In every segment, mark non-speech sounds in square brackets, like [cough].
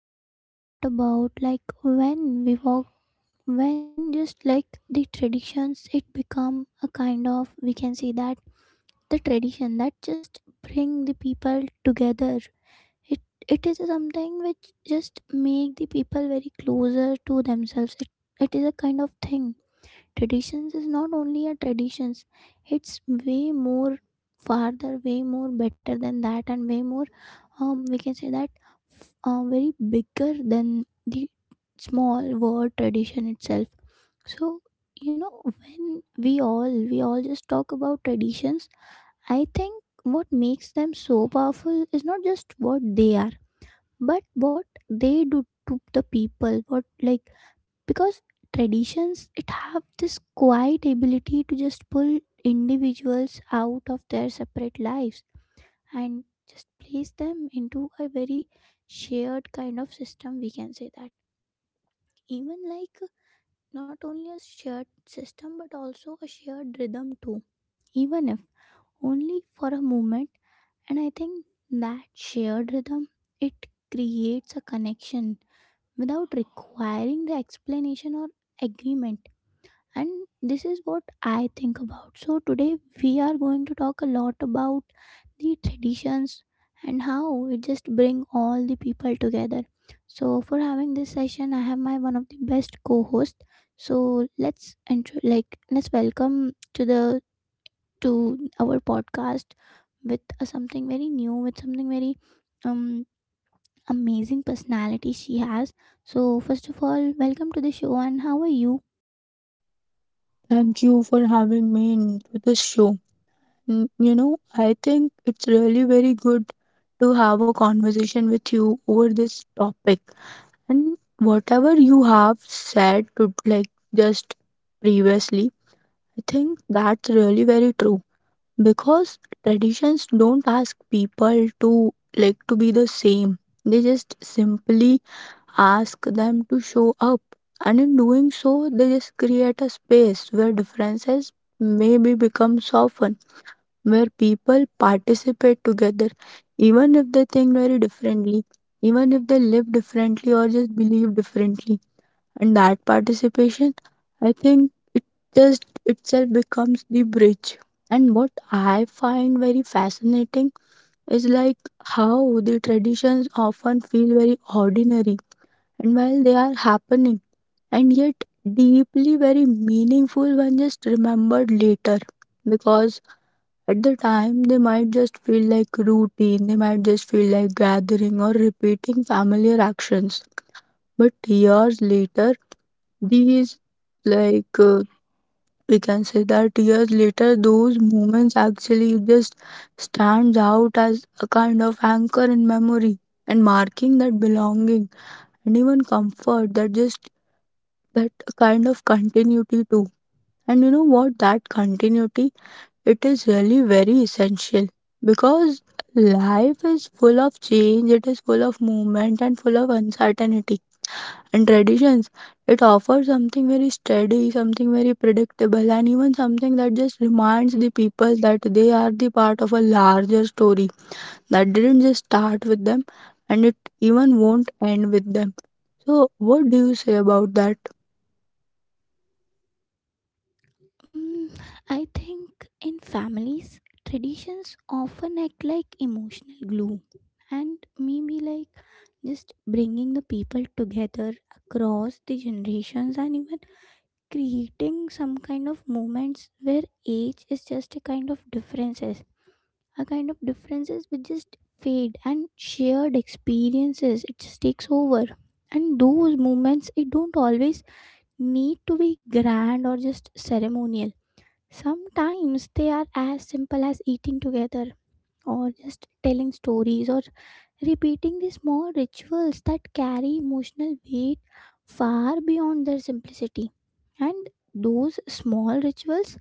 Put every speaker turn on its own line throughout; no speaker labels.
to talk a lot about like when we walk, when just like the traditions, it become a kind of we can say that the tradition that just bring the people together. It it is something which just make the people very closer to themselves. It is a kind of thing traditions is not only a traditions it's way more farther way more better than that and way more we can say that very bigger than the small word tradition itself. So you know when we all just talk about traditions, I think what makes them so powerful is not just what they are but what they do to the people what like, because traditions it have this quiet ability to just pull individuals out of their separate lives and just place them into a very shared kind of system we can say that, even like not only a shared system but also a shared rhythm too, even if only for a moment. And I think that shared rhythm, it creates a connection without requiring the explanation or agreement. And this is what I think about. So today we are going to talk a lot about the traditions and how it just bring all the people together. So for having this session I have my one of the best co-host. So let's intro like let's welcome to the to our podcast with something very new, with something very um amazing personality she has. So first of all, welcome to the show, and how are you?
Thank you for having me into this show. You know, I think it's really very good to have a conversation with you over this topic. And whatever you have said to like just previously, I think that's really very true, because traditions don't ask people to like to be the same. They just simply ask them to show up, and in doing so they just create a space where differences maybe become softened, where people participate together even if they think very differently, even if they live differently or just believe differently. And that participation, I think, it just itself becomes the bridge. And what I find very fascinating is like how the traditions often feel very ordinary and while they are happening, and yet deeply very meaningful when just remembered later, because at the time they might just feel like routine, they might just feel like gathering or repeating familiar actions. But years later, these, like, uh, we can say that years later, those moments actually just stands out as a kind of anchor in memory and marking that belonging and even comfort that just that kind of continuity too. And you know what? That continuity, it is really very essential, because life is full of change. It is full of movement and full of uncertainty, and traditions, it offers something very steady, something very predictable, and even something that just reminds the people that they are the part of a larger story that didn't just start with them, and it even won't end with them. So, what do you say about that?
Mm, I think in families, traditions often act like emotional glue and maybe like just bringing the people together across the generations and even creating some kind of moments where age is just a kind of differences, a kind of differences which just fade and shared experiences it just takes over. And those moments, it don't always need to be grand or just ceremonious. Sometimes they are as simple as eating together or just telling stories or repeating the small rituals that carry emotional weight far beyond their simplicity. And those small rituals,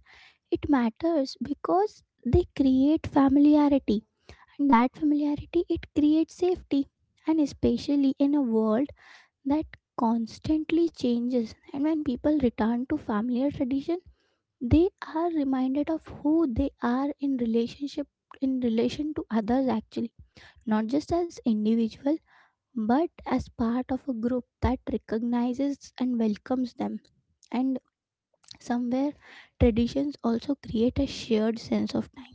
it matters because they create familiarity, and that familiarity it creates safety, and especially in a world that constantly changes, and when people return to familiar tradition they are reminded of who they are in relationship, in relation to others actually, not just as individual but as part of a group that recognizes and welcomes them. And somewhere traditions also create a shared sense of time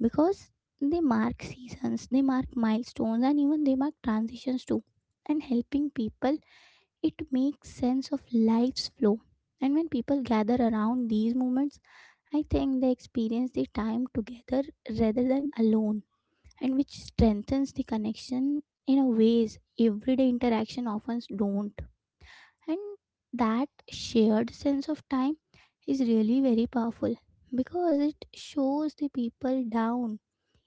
because they mark seasons, they mark milestones, and even they mark transitions too, and helping people it makes sense of life's flow. And when people gather around these moments, I think they experience the time together rather than alone, and which strengthens the connection in a ways everyday interaction often don't. And that shared sense of time is really very powerful because it shows the people down,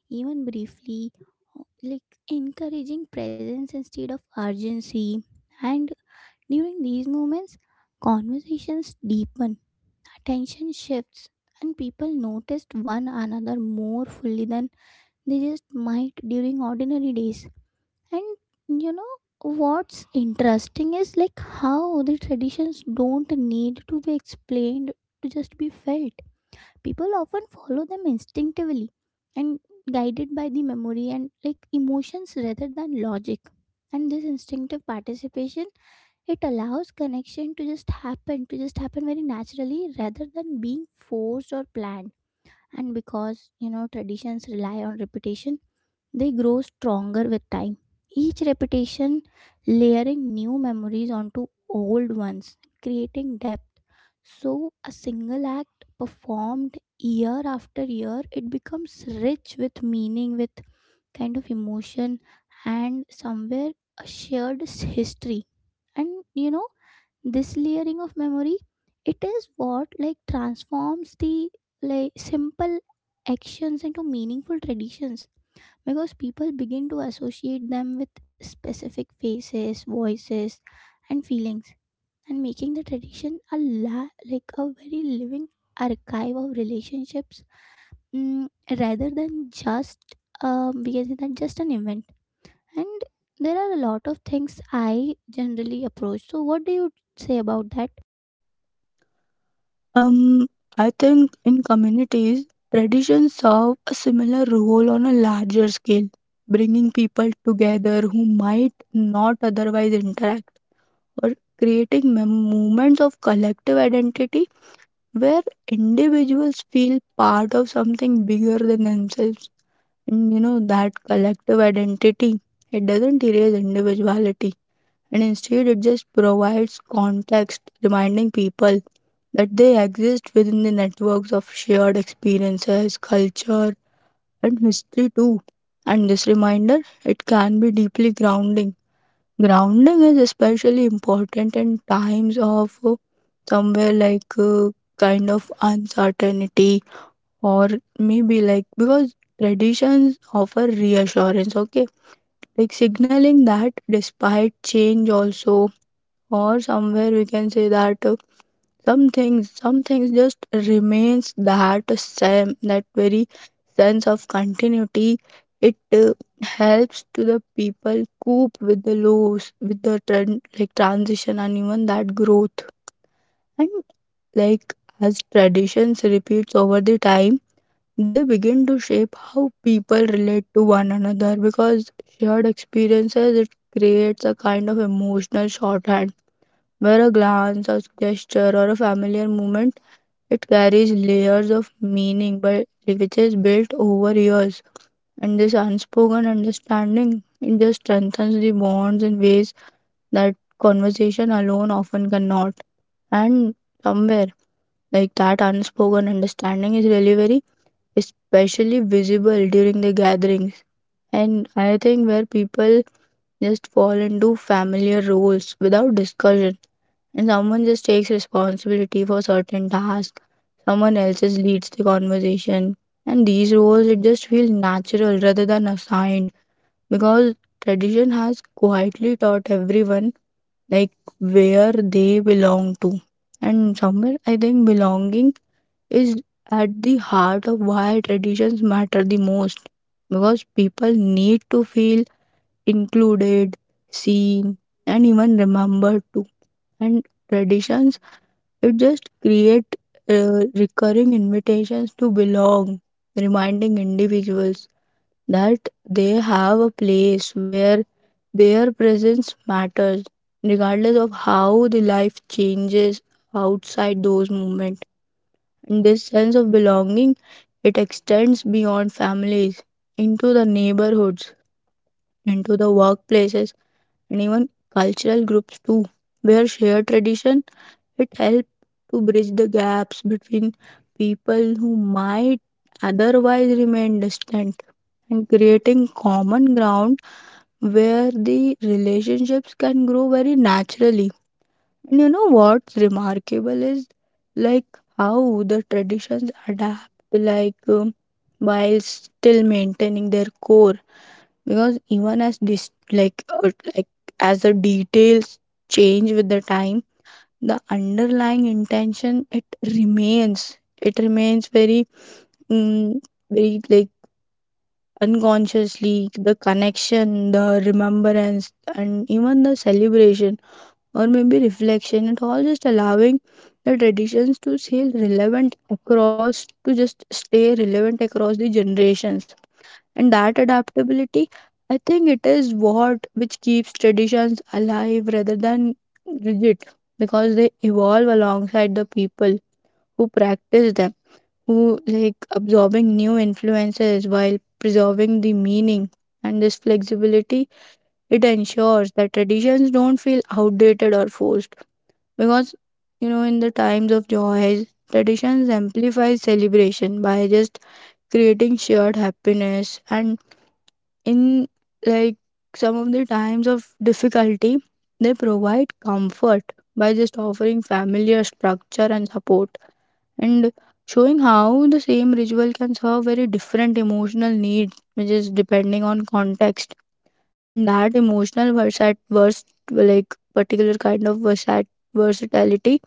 even briefly, like encouraging presence instead of urgency. And during these moments, conversations deepen, attention shifts, and people noticed one another more fully than they just might during ordinary days. And you know what's interesting is like how the traditions don't need to be explained to just be felt. People often follow them instinctively, and guided by the memory and like emotions rather than logic. And this instinctive participation, it allows connection to just happen very naturally rather than being forced or planned. And because you know traditions rely on repetition, they grow stronger with time, each repetition layering new memories onto old ones, creating depth. So a single act performed year after year, it becomes rich with meaning, with kind of emotion, and somewhere a history. And you know, this layering of memory, it is what like transforms the like simple actions into meaningful traditions, because people begin to associate them with specific faces, voices, and feelings, and making the tradition like a very living archive of relationships, mm, rather than just we can say that just an event. And there are a lot of things I generally approach, so what do you say about that?
Um, I think in communities, traditions serve a similar role on a larger scale, bringing people together who might not otherwise interact, or creating moments of collective identity where individuals feel part of something bigger than themselves. And that collective identity, it doesn't erase individuality, and instead, it just provides context, reminding people that they exist within the networks of shared experiences, culture, and history too. And this reminder, it can be deeply grounding. Grounding is especially important in times of somewhere like kind of uncertainty, or maybe like, because traditions offer reassurance, okay? Like signaling that despite change, also, or somewhere we can say that, some things, just remains that same, that very sense of continuity. It helps to the people cope with the lows, with the trend like transition and even that growth. And like as traditions repeats over the time, they begin to shape how people relate to one another, because shared experiences it creates a kind of emotional shorthand where a glance, a gesture, or a familiar moment it carries layers of meaning, but which is built over years. And this unspoken understanding, it just strengthens the bonds in ways that conversation alone often cannot. And somewhere like that unspoken understanding is really very especially visible during the gatherings. And I think where people just fall into familiar roles without discussion, and someone just takes responsibility for certain tasks, someone else just leads the conversation, and these roles it just feels natural rather than assigned, because tradition has quietly taught everyone like where they belong to. And somewhere I think belonging is at the heart of why traditions matter the most, because people need to feel included, seen, and even remembered too. And traditions, it just create recurring invitations to belong, reminding individuals that they have a place where their presence matters, regardless of how the life changes outside those moments. And this sense of belonging, it extends beyond families, into the neighborhoods, into the workplaces, and even cultural groups too, where shared tradition it helps to bridge the gaps between people who might otherwise remain distant, and creating common ground where the relationships can grow very naturally. And you know what's remarkable is like how the traditions adapt, while still maintaining their core. Because even as this, as the details change with the time, the underlying intention it remains very mm, very like unconsciously, the connection, the remembrance, and even the celebration, or maybe reflection and all, just allowing the traditions to stay relevant across the generations. And that adaptability, I think it is what which keeps traditions alive rather than rigid, because they evolve alongside the people who practice them, who like absorbing new influences while preserving the meaning. And this flexibility, it ensures that traditions don't feel outdated or forced, because in the times of joys, traditions amplify celebration by just creating shared happiness. And in like some of the times of difficulty, they provide comfort by just offering familiar structure and support, and showing how the same ritual can serve very different emotional needs, which is depending on context. And that emotional versat vers like particular kind of versatility,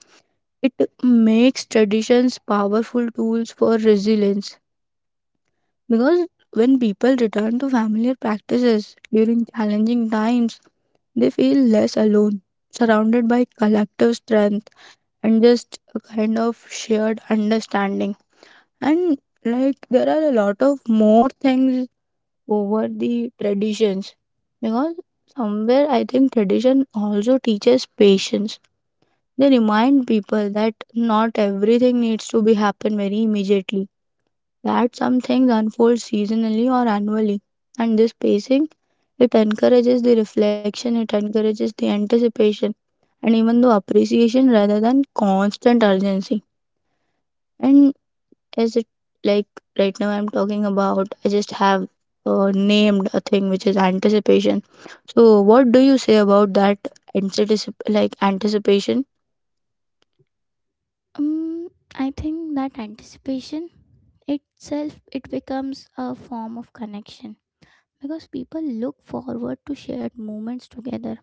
it makes traditions powerful tools for resilience, because when people return to familiar practices during challenging times, they feel less alone, surrounded by collective strength and just a kind of shared understanding. And like there are a lot of more things over the traditions, because somewhere I think tradition also teaches patience. They remind people that not everything needs to be happen very immediately, that some things unfold seasonally or annually. And this pacing, it encourages the reflection, it encourages the anticipation, and even the appreciation rather than constant urgency. And as it like right now, I'm talking about, I just have named a thing which is anticipation. So, what do you say about that anticipation?
Um, I think that anticipation itself it becomes a form of connection because people look forward to shared moments together,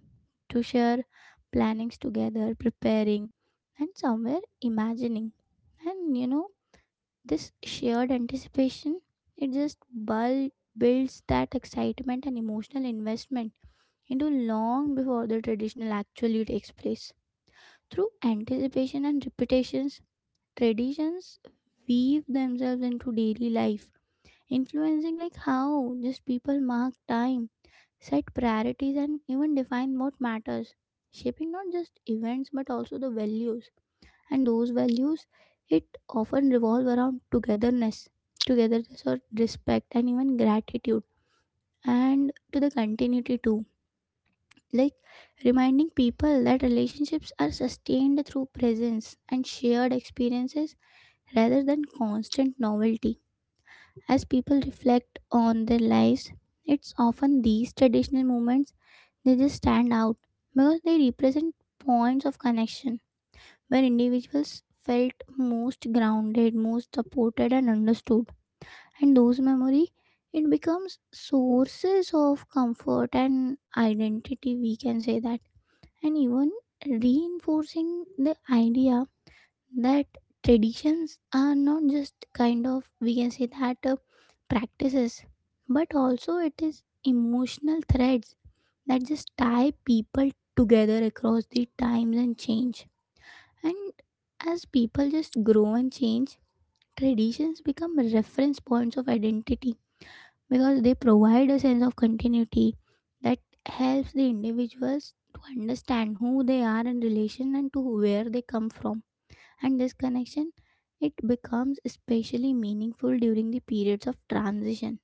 to share plannings together, preparing, and somewhere imagining. And you know, this shared anticipation it just builds that excitement and emotional investment into long before the traditional actually takes place. Through anticipation and repetitions, traditions weave themselves into daily life, influencing like how just people mark time, set priorities, and even define what matters, shaping not just events but also the values. And those values it often revolve around togetherness, togetherness or respect and even gratitude and to the continuity too. Like reminding people that relationships are sustained through presence and shared experiences rather than constant novelty. As people reflect on their lives, it's often these traditional moments they just stand out because they represent points of connection where individuals felt most grounded, most supported and understood. And those memory it becomes sources of comfort and identity we can say that, and even reinforcing the idea that traditions are not just kind of we can say that practices but also it is emotional threads that just tie people together across the times and change. And as people just grow and change, traditions become reference points of identity because they provide a sense of continuity that helps the individuals to understand who they are in relation and to where they come from. And this connection, it becomes especially meaningful during the periods of transition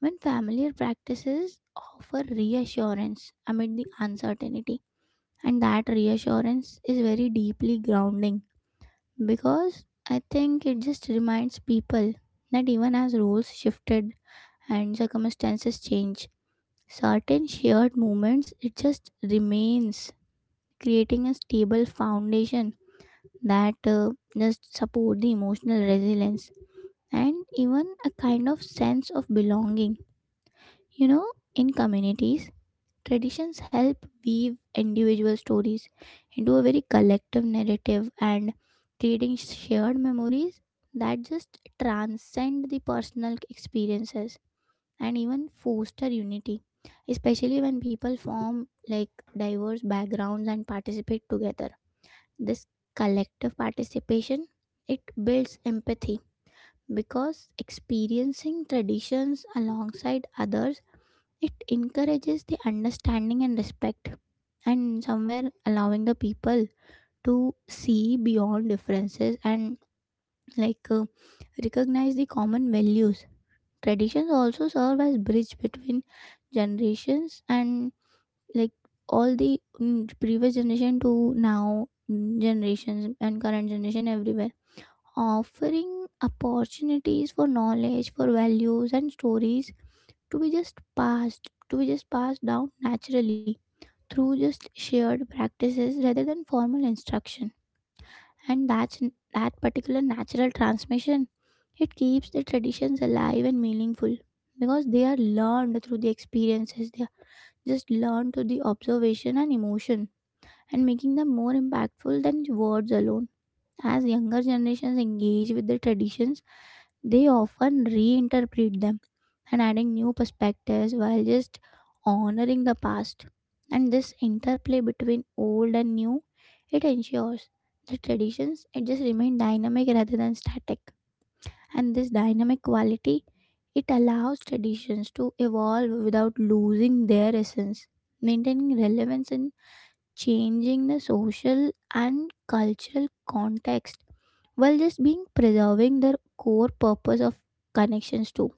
when familiar practices offer reassurance amid the uncertainty. And that reassurance is very deeply grounding because I think it just reminds people that even as roles shifted and circumstances change, certain shared moments it just remains, creating a stable foundation that just support the emotional resilience and even a kind of sense of belonging. You know, in communities, traditions help weave individual stories into a very collective narrative and creating shared memories that just transcend the personal experiences and even foster unity, especially when people form like diverse backgrounds and participate together. This collective participation it builds empathy because experiencing traditions alongside others it encourages the understanding and respect, and somewhere allowing the people to see beyond differences and like uh, recognize the common values. Traditions also serve as bridge between generations and like all the mm, previous generation to now mm, generations and current generation everywhere, offering opportunities for knowledge, for values and stories to be just passed down naturally through just shared practices rather than formal instruction. And that's that particular natural transmission, it keeps the traditions alive and meaningful because they are learned through the experiences, they are just learned through the observation and emotion, and making them more impactful than words alone. As younger generations engage with the traditions, they often reinterpret them and adding new perspectives while just honoring the past. And this interplay between old and new, it ensures the traditions it just remain dynamic rather than static. And this dynamic quality, it allows traditions to evolve without losing their essence, maintaining relevance in changing the social and cultural context, while just being preserving their core purpose of connections too.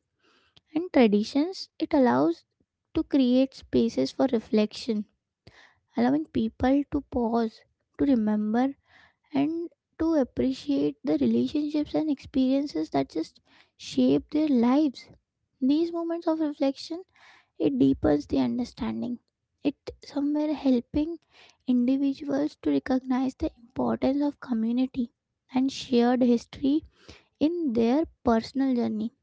And traditions it allows to create spaces for reflection, allowing people to pause, to remember, and to appreciate the relationships and experiences that just shape their lives. These moments of reflection, it deepens the understanding. It somewhere helping individuals to recognize the importance of community and shared history in their personal journey.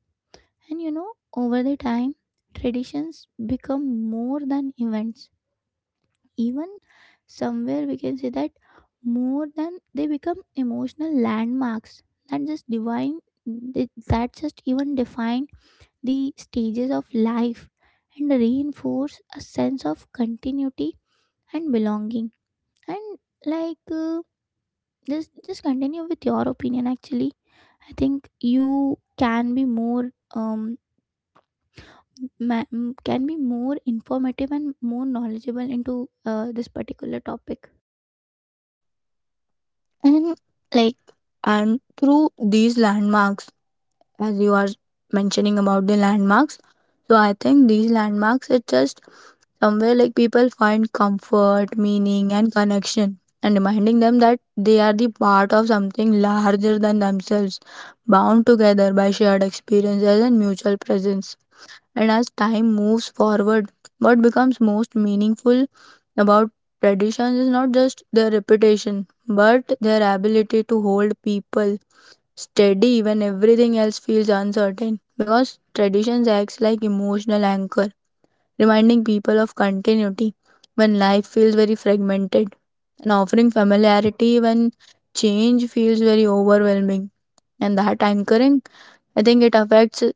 And you know, over the time, traditions become more than events. Even somewhere we can say that more than, they become emotional landmarks that just divine that just even define the stages of life and reinforce a sense of continuity and belonging. And like uh, just continue with your opinion actually. I think you can be more can be more informative and more knowledgeable into this particular topic.
And like and through these landmarks, as you are mentioning about the landmarks. So I think these landmarks are just somewhere like people find comfort, meaning, and connection, and reminding them that they are the part of something larger than themselves, bound together by shared experiences and mutual presence. And as time moves forward, what becomes most meaningful about traditions is not just their reputation, but their ability to hold people steady when everything else feels uncertain, because traditions acts like emotional anchor, reminding people of continuity when life feels very fragmented and offering familiarity when change feels very overwhelming. And that anchoring, I think it affects it.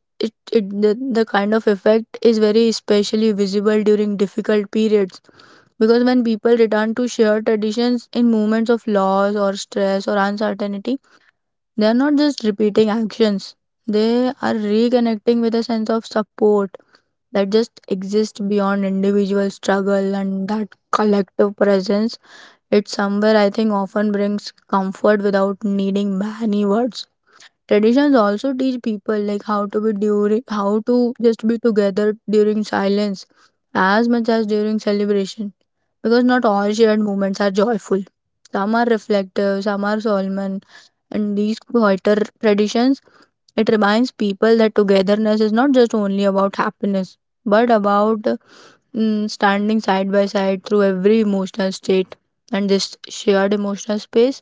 It, the kind of effect is very especially visible during difficult periods, because when people return to shared traditions in moments of loss or stress or uncertainty, they are not just repeating actions, they are reconnecting with a sense of support that just exists beyond individual struggle and that collective presence. It's somewhere I think often brings comfort without needing many words. Traditions also teach people like how to just be together during silence as much as during celebration, because not all shared moments are joyful. Some are reflective, some are solemn, and these quieter traditions it reminds people that togetherness is not just only about happiness but about standing side by side through every emotional state. And this shared emotional space,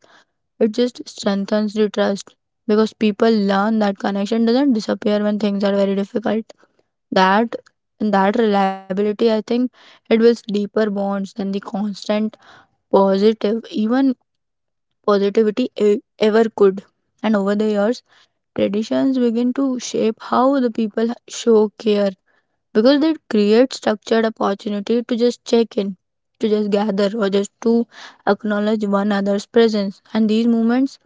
it just strengthens the trust, because people learn that connection doesn't disappear when things are very difficult. That And that reliability, I think it builds deeper bonds than the constant positive even positivity ever could. And over the years, traditions begin to shape how the people show care, because they create structured opportunity to just check in, to just gather, or just to acknowledge one another's presence. And these moments,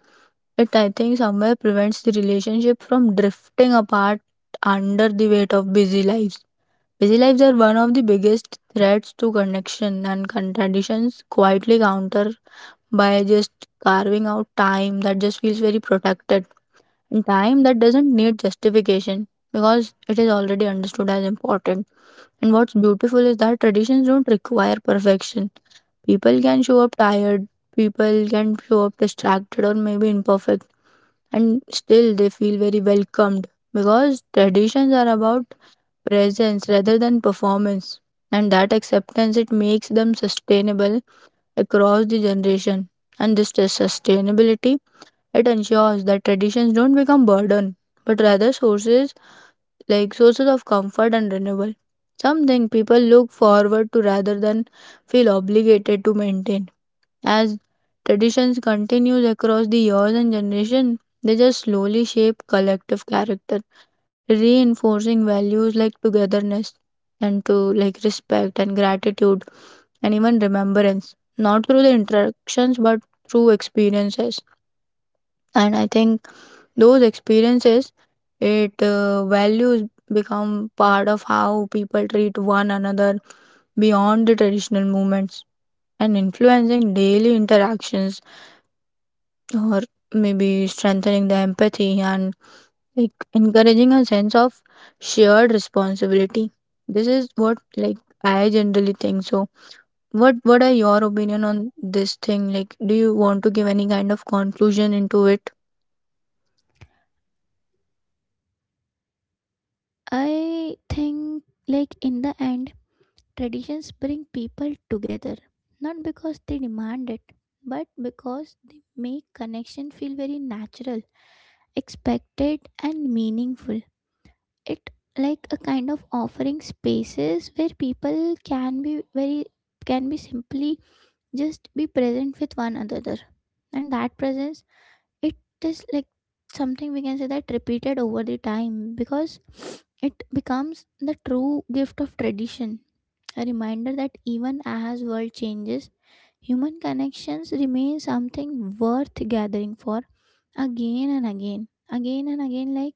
it I think somewhere prevents the relationship from drifting apart under the weight of busy lives. Busy lives are one of the biggest threats to connection, and contradictions quietly counter by just carving out time that just feels very protected, time that doesn't need justification, because it is already understood as important. And what's beautiful is that traditions don't require perfection. People can show up tired, people can show up distracted or maybe imperfect, and still they feel very welcomed, because traditions are about presence rather than performance. And that acceptance, it makes them sustainable across the generation. And this sustainability, it ensures that traditions don't become burden, but rather sources of comfort and renewal, something people look forward to rather than feel obligated to maintain. As traditions continues across the years and generation, they just slowly shape collective character, reinforcing values like togetherness and to like respect and gratitude and even remembrance. Not through the interactions but through experiences. And I think those experiences, it values become part of how people treat one another beyond the traditional movements, and influencing daily interactions, or maybe strengthening the empathy and like encouraging a sense of shared responsibility. This is what like I generally think so. What are your opinion on this thing, like do you want to give any kind of conclusion into it?
I think like in the end, traditions bring people together, not because they demand it, but because they make connection feel very natural, expected, and meaningful. It like a kind of offering spaces where people can be very can be simply just be present with one another. And that presence, it is like something we can say that repeated over the time, because [sniffs] it becomes the true gift of tradition, a reminder that even as world changes, human connections remain something worth gathering for again and again, again and again. Like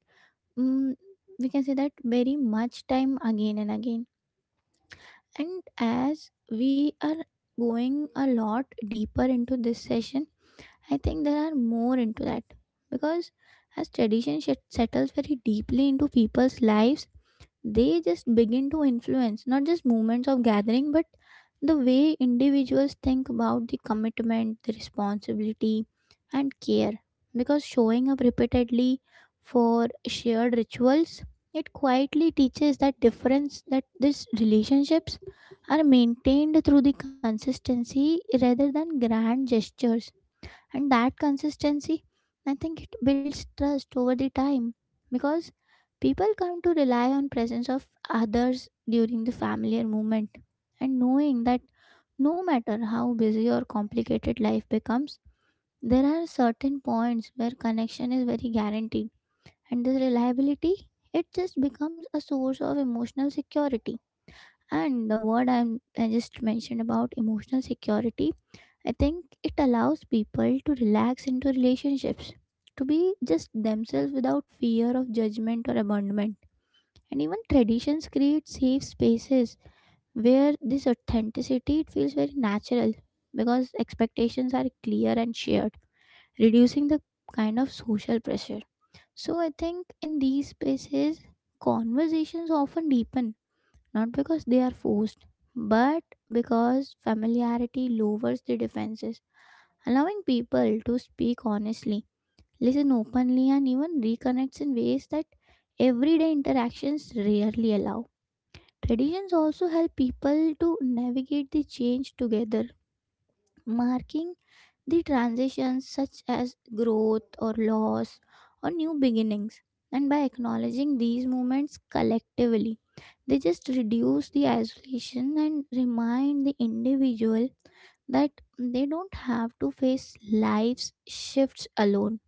mm, we can say that very much time again and again. And as we are going a lot deeper into this session, I think there are more into that because as settles very deeply into people's lives, they just begin to influence not just movements of gathering but the way individuals think about the commitment, the responsibility, and care, because showing up repeatedly for shared rituals, it quietly teaches that difference, that these relationships are maintained through the consistency rather than grand gestures. And that consistency, I think it builds trust over the time, because people come to rely on presence of others during the familiar moment. And knowing that no matter how busy or complicated life becomes, there are certain points where connection is very guaranteed. And this reliability, it just becomes a source of emotional security. And the word I just mentioned about emotional security, I think it allows people to relax into relationships, to be just themselves without fear of judgment or abandonment. And even traditions create safe spaces where this authenticity, it feels very natural, because expectations are clear and shared, reducing the kind of social pressure. So I think in these spaces, conversations often deepen, not because they are forced, but because familiarity lowers the defenses, allowing people to speak honestly, listen openly, and even reconnects in ways that everyday interactions rarely allow. Traditions also help people to navigate the change together, marking the transitions such as growth or loss or new beginnings. And by acknowledging these moments collectively, they just reduce the isolation and remind the individual that they don't have to face life's shifts alone.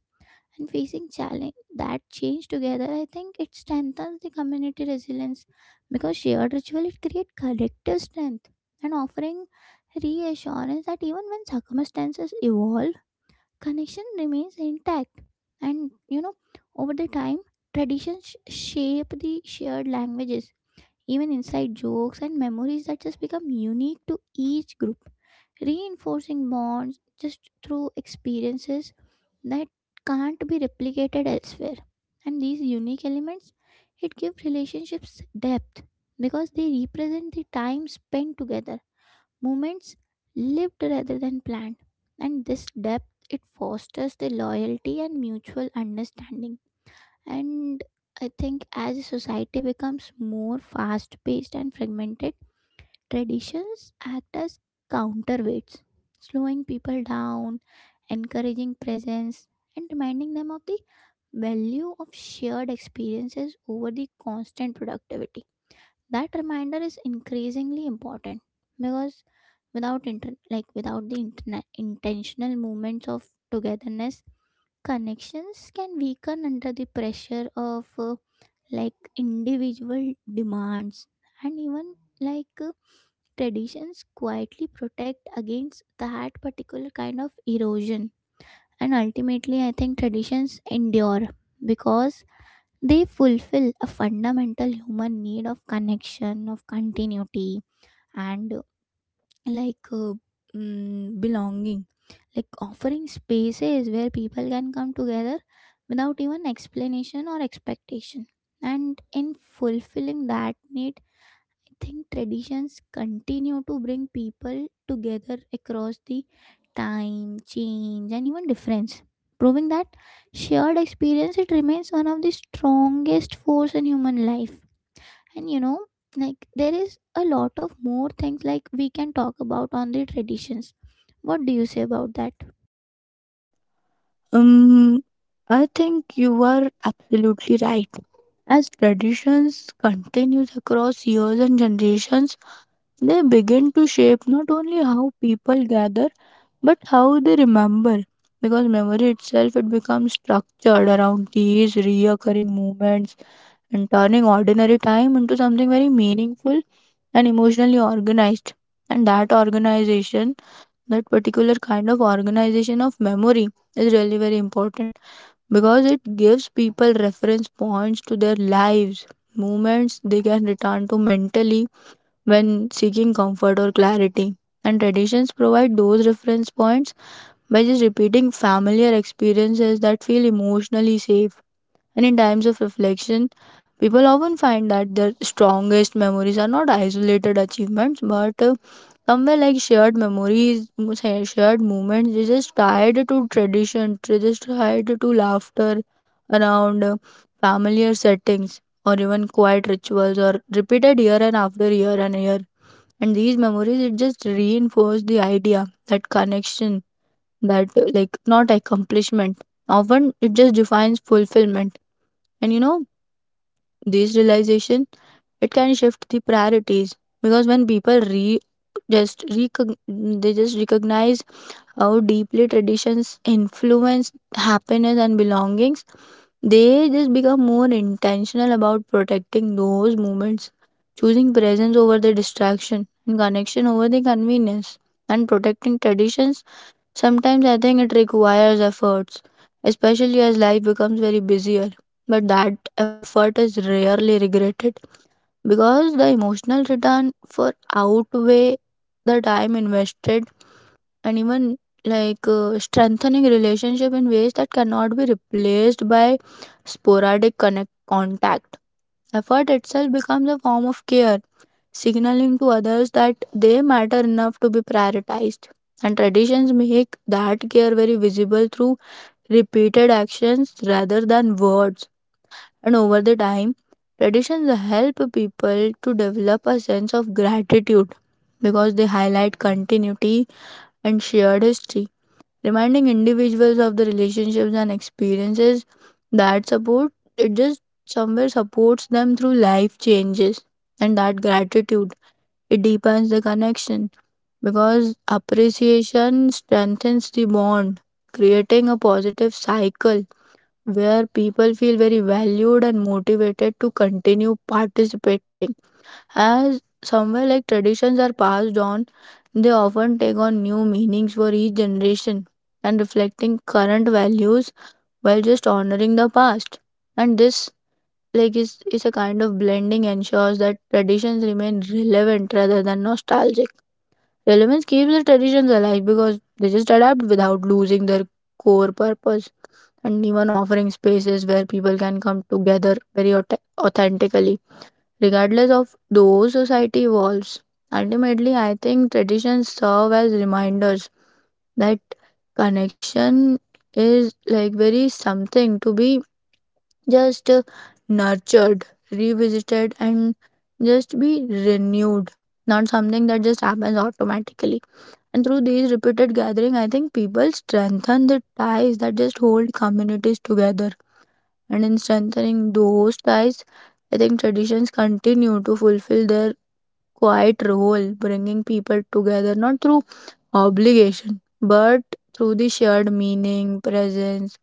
And facing challenge that change together, I think it strengthens the community resilience, because shared ritual, it creates collective strength and offering reassurance that even when circumstances evolve, connection remains intact. And you know, over the time, traditions shape the shared languages, even inside jokes and memories that just become unique to each group, reinforcing bonds just through experiences that can't be replicated elsewhere. And these unique elements, it give relationships depth, because they represent the time spent together. Moments lived rather than planned, and this depth, it fosters the loyalty and mutual understanding. And I think as a society becomes more fast paced and fragmented, traditions act as counterweights, slowing people down, encouraging presence, and reminding them of the value of shared experiences over the constant productivity. That reminder is increasingly important, because without intentional moments of togetherness, connections can weaken under the pressure of like individual demands. And even like uh, traditions quietly protect against that particular kind of erosion. And ultimately, I think traditions endure because they fulfill a fundamental human need of connection, of continuity, and like uh, belonging. Like offering spaces where people can come together without even explanation or expectation. And in fulfilling that need, think traditions continue to bring people together across the time, change, and even difference, proving that shared experience, it remains one of the strongest force in human life. And you know, like there is a lot of more things like we can talk about on the traditions. What do you say about that?
Um, I think you are absolutely right. As traditions continues across years and generations, they begin to shape not only how people gather but how they remember. Because memory itself it becomes structured around these reoccurring moments and turning ordinary time into something very meaningful and emotionally organized. And that organization, that particular kind of organization of memory is really very important because it gives people reference points to their lives, moments they can return to mentally when seeking comfort or clarity. And traditions provide those reference points by just repeating familiar experiences that feel emotionally safe. And in times of reflection, people often find that their strongest memories are not isolated achievements but somewhere like shared memories, shared moments. They just tied to tradition, they just tied to laughter around familiar settings or even quiet rituals or repeated year and after year and year. And these memories, it just reinforced the idea that connection, that like not accomplishment. Often it just defines fulfillment. And you know, this realization it can shift the priorities because when people re just they just recognize how deeply traditions influence happiness and belongings, they just become more intentional about protecting those moments, choosing presence over the distraction and connection over the convenience and protecting traditions. Sometimes I think it requires efforts, especially as life becomes very busier. But that effort is rarely regretted because the emotional return for outweigh the time invested and even like strengthening relationship in ways that cannot be replaced by sporadic connect contact. Effort itself becomes a form of care, signaling to others that they matter enough to be prioritized. And traditions make that care very visible through repeated actions rather than words. And over the time, traditions help people to develop a sense of gratitude because they highlight continuity and shared history, reminding individuals of the relationships and experiences that support it, just somewhere supports them through life changes. And that gratitude, it deepens the connection because appreciation strengthens the bond, creating a positive cycle where people feel very valued and motivated to continue participating. As somewhere like traditions are passed on, they often take on new meanings for each generation and reflecting current values while just honoring the past. And this like is a kind of blending ensures that traditions remain relevant rather than nostalgic. Relevance keeps the traditions alive because they just adapt without losing their core purpose and even offering spaces where people can come together very authentically, regardless of though society evolves. Ultimately, I think traditions serve as reminders that connection is like very something to be just nurtured, revisited, and just be renewed, not something that just happens automatically. And through these repeated gatherings, I think people strengthen the ties that just hold communities together. And in strengthening those ties, I think traditions continue to fulfill their quiet role, bringing people together not through obligation but through the shared meaning, presence,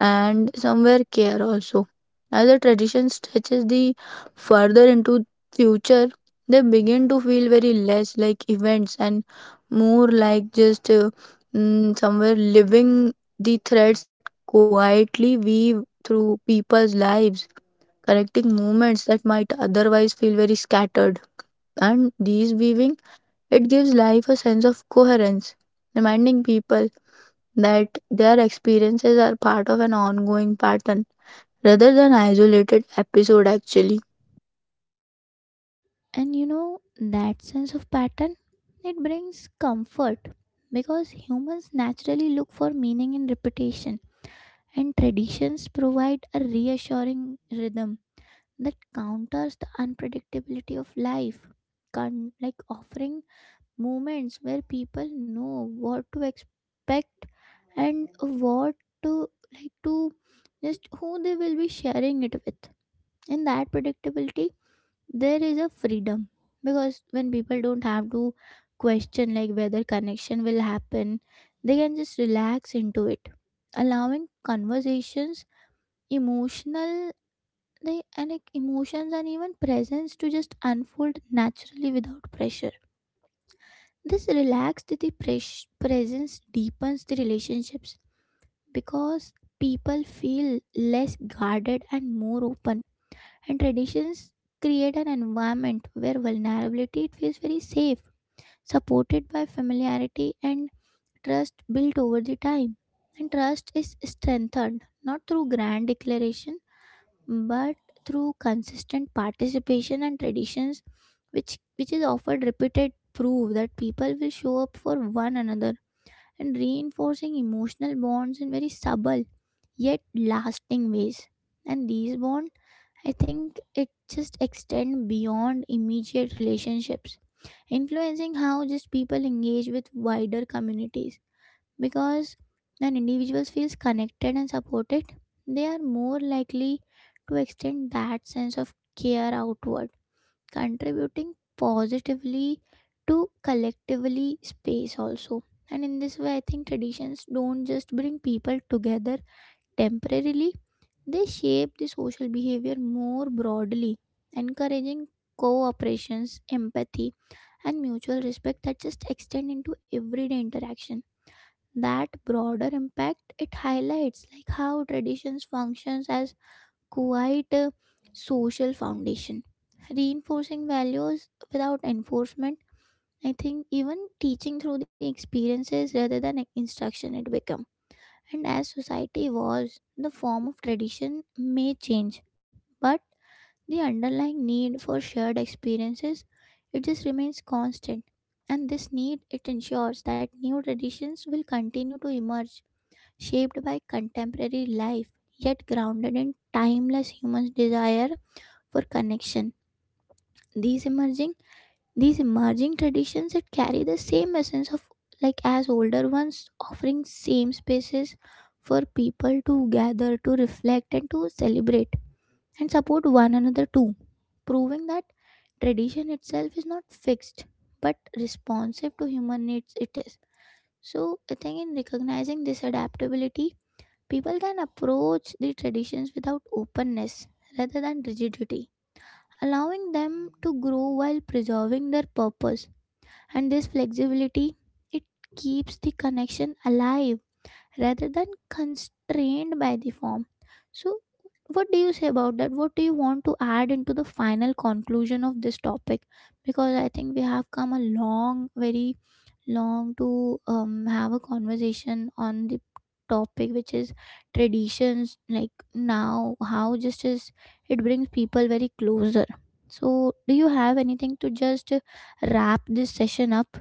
and somewhere care also. As the tradition stretches the further into future, they begin to feel very less like events and more like just somewhere living the threads that quietly weave through people's lives, connecting moments that might otherwise feel very scattered. And these weaving, it gives life a sense of coherence, reminding people that their experiences are part of an ongoing pattern rather than isolated episode actually.
And you know, that sense of pattern, it brings comfort, because humans naturally look for meaning in repetition, and traditions provide a reassuring rhythm that counters the unpredictability of life. Like offering moments where people know what to expect and what to like to just who they will be sharing it with. In that predictability there is a freedom, because when people don't have to question like whether connection will happen, they can just relax into it, allowing conversations, emotional, they and like emotions and even presence to just unfold naturally without pressure. This relaxed the presence deepens the relationships, because people feel less guarded and more open, and traditions create an environment where vulnerability, it feels very safe, supported by familiarity and trust built over the time. And trust is strengthened not through grand declaration, but through consistent participation, and traditions which is offered repeated prove that people will show up for one another and reinforcing emotional bonds in very subtle yet lasting ways. And these bonds, I think it just extend beyond immediate relationships, influencing how just people engage with wider communities, because when individuals feel connected and supported, they are more likely to extend that sense of care outward, contributing positively to collectively space also. And in this way, I think traditions don't just bring people together temporarily, they shape the social behavior more broadly, encouraging cooperations, empathy, and mutual respect that just extend into everyday interaction. That broader impact, it highlights like how traditions functions as quite a social foundation, reinforcing values without enforcement, I think even teaching through the experiences rather than instruction it become. And as society evolves, the form of tradition may change, but the underlying need for shared experiences, it just remains constant. And this need, it ensures that new traditions will continue to emerge, shaped by contemporary life yet grounded in timeless human desire for connection. these emerging these emerging traditions that carry the same essence of like as older ones, offering same spaces for people to gather, to reflect, and to celebrate and support one another too, proving that tradition itself is not fixed but responsive to human needs it is. So I think in recognizing this adaptability, people can approach the traditions without openness rather than rigidity, allowing them to grow while preserving their purpose. And this flexibility, it keeps the connection alive rather than constrained by the form. So what do you say about that? What do you want to add into the final conclusion of this topic? Because I think we have come a long, very long to have a conversation on the topic, which is traditions, like now how just is it brings people very closer. So do you have anything to just wrap this session up?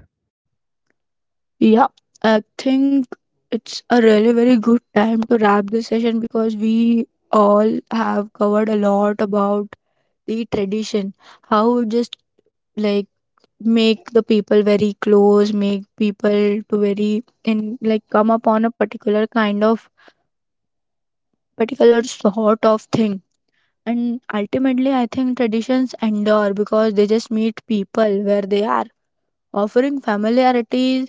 Yeah, I think it's a really very good time to wrap this session because we all have covered a lot about the tradition, how it just like make the people very close, make people to very in like come upon a particular kind of particular sort of thing. And ultimately, I think traditions endure because they just meet people where they are, offering familiarity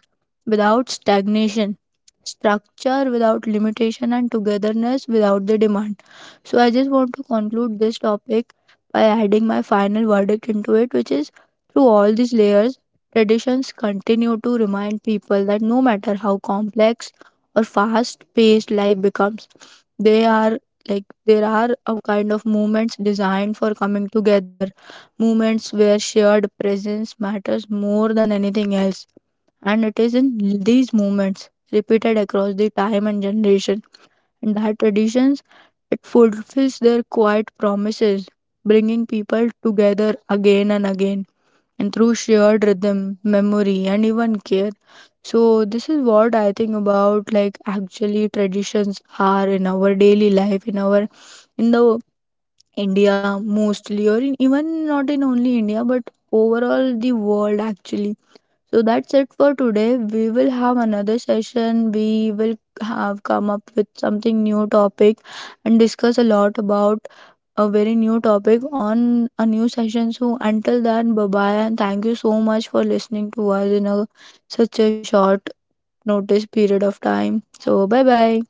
without stagnation, structure without limitation, and togetherness without the demand. So, I just want to conclude this topic by adding my final verdict into it, which is through all these layers, traditions continue to remind people that no matter how complex or fast paced life becomes, they are like there are a kind of movements designed for coming together, moments where shared presence matters more than anything else. And it is in these moments, repeated across the time and generation, and that traditions, it fulfills their quiet promises, bringing people together again and again, and through shared rhythm, memory, and even care. So this is what I think about like actually traditions are in our daily life, in our in the India mostly, or in, even not in only India, but overall the world actually. So that's it for today. We will have another session. We will have come up with something new topic and discuss a lot about a very new topic on a new session. So until then, bye bye, and thank you so much for listening to us in a such a short notice period of time. So bye bye.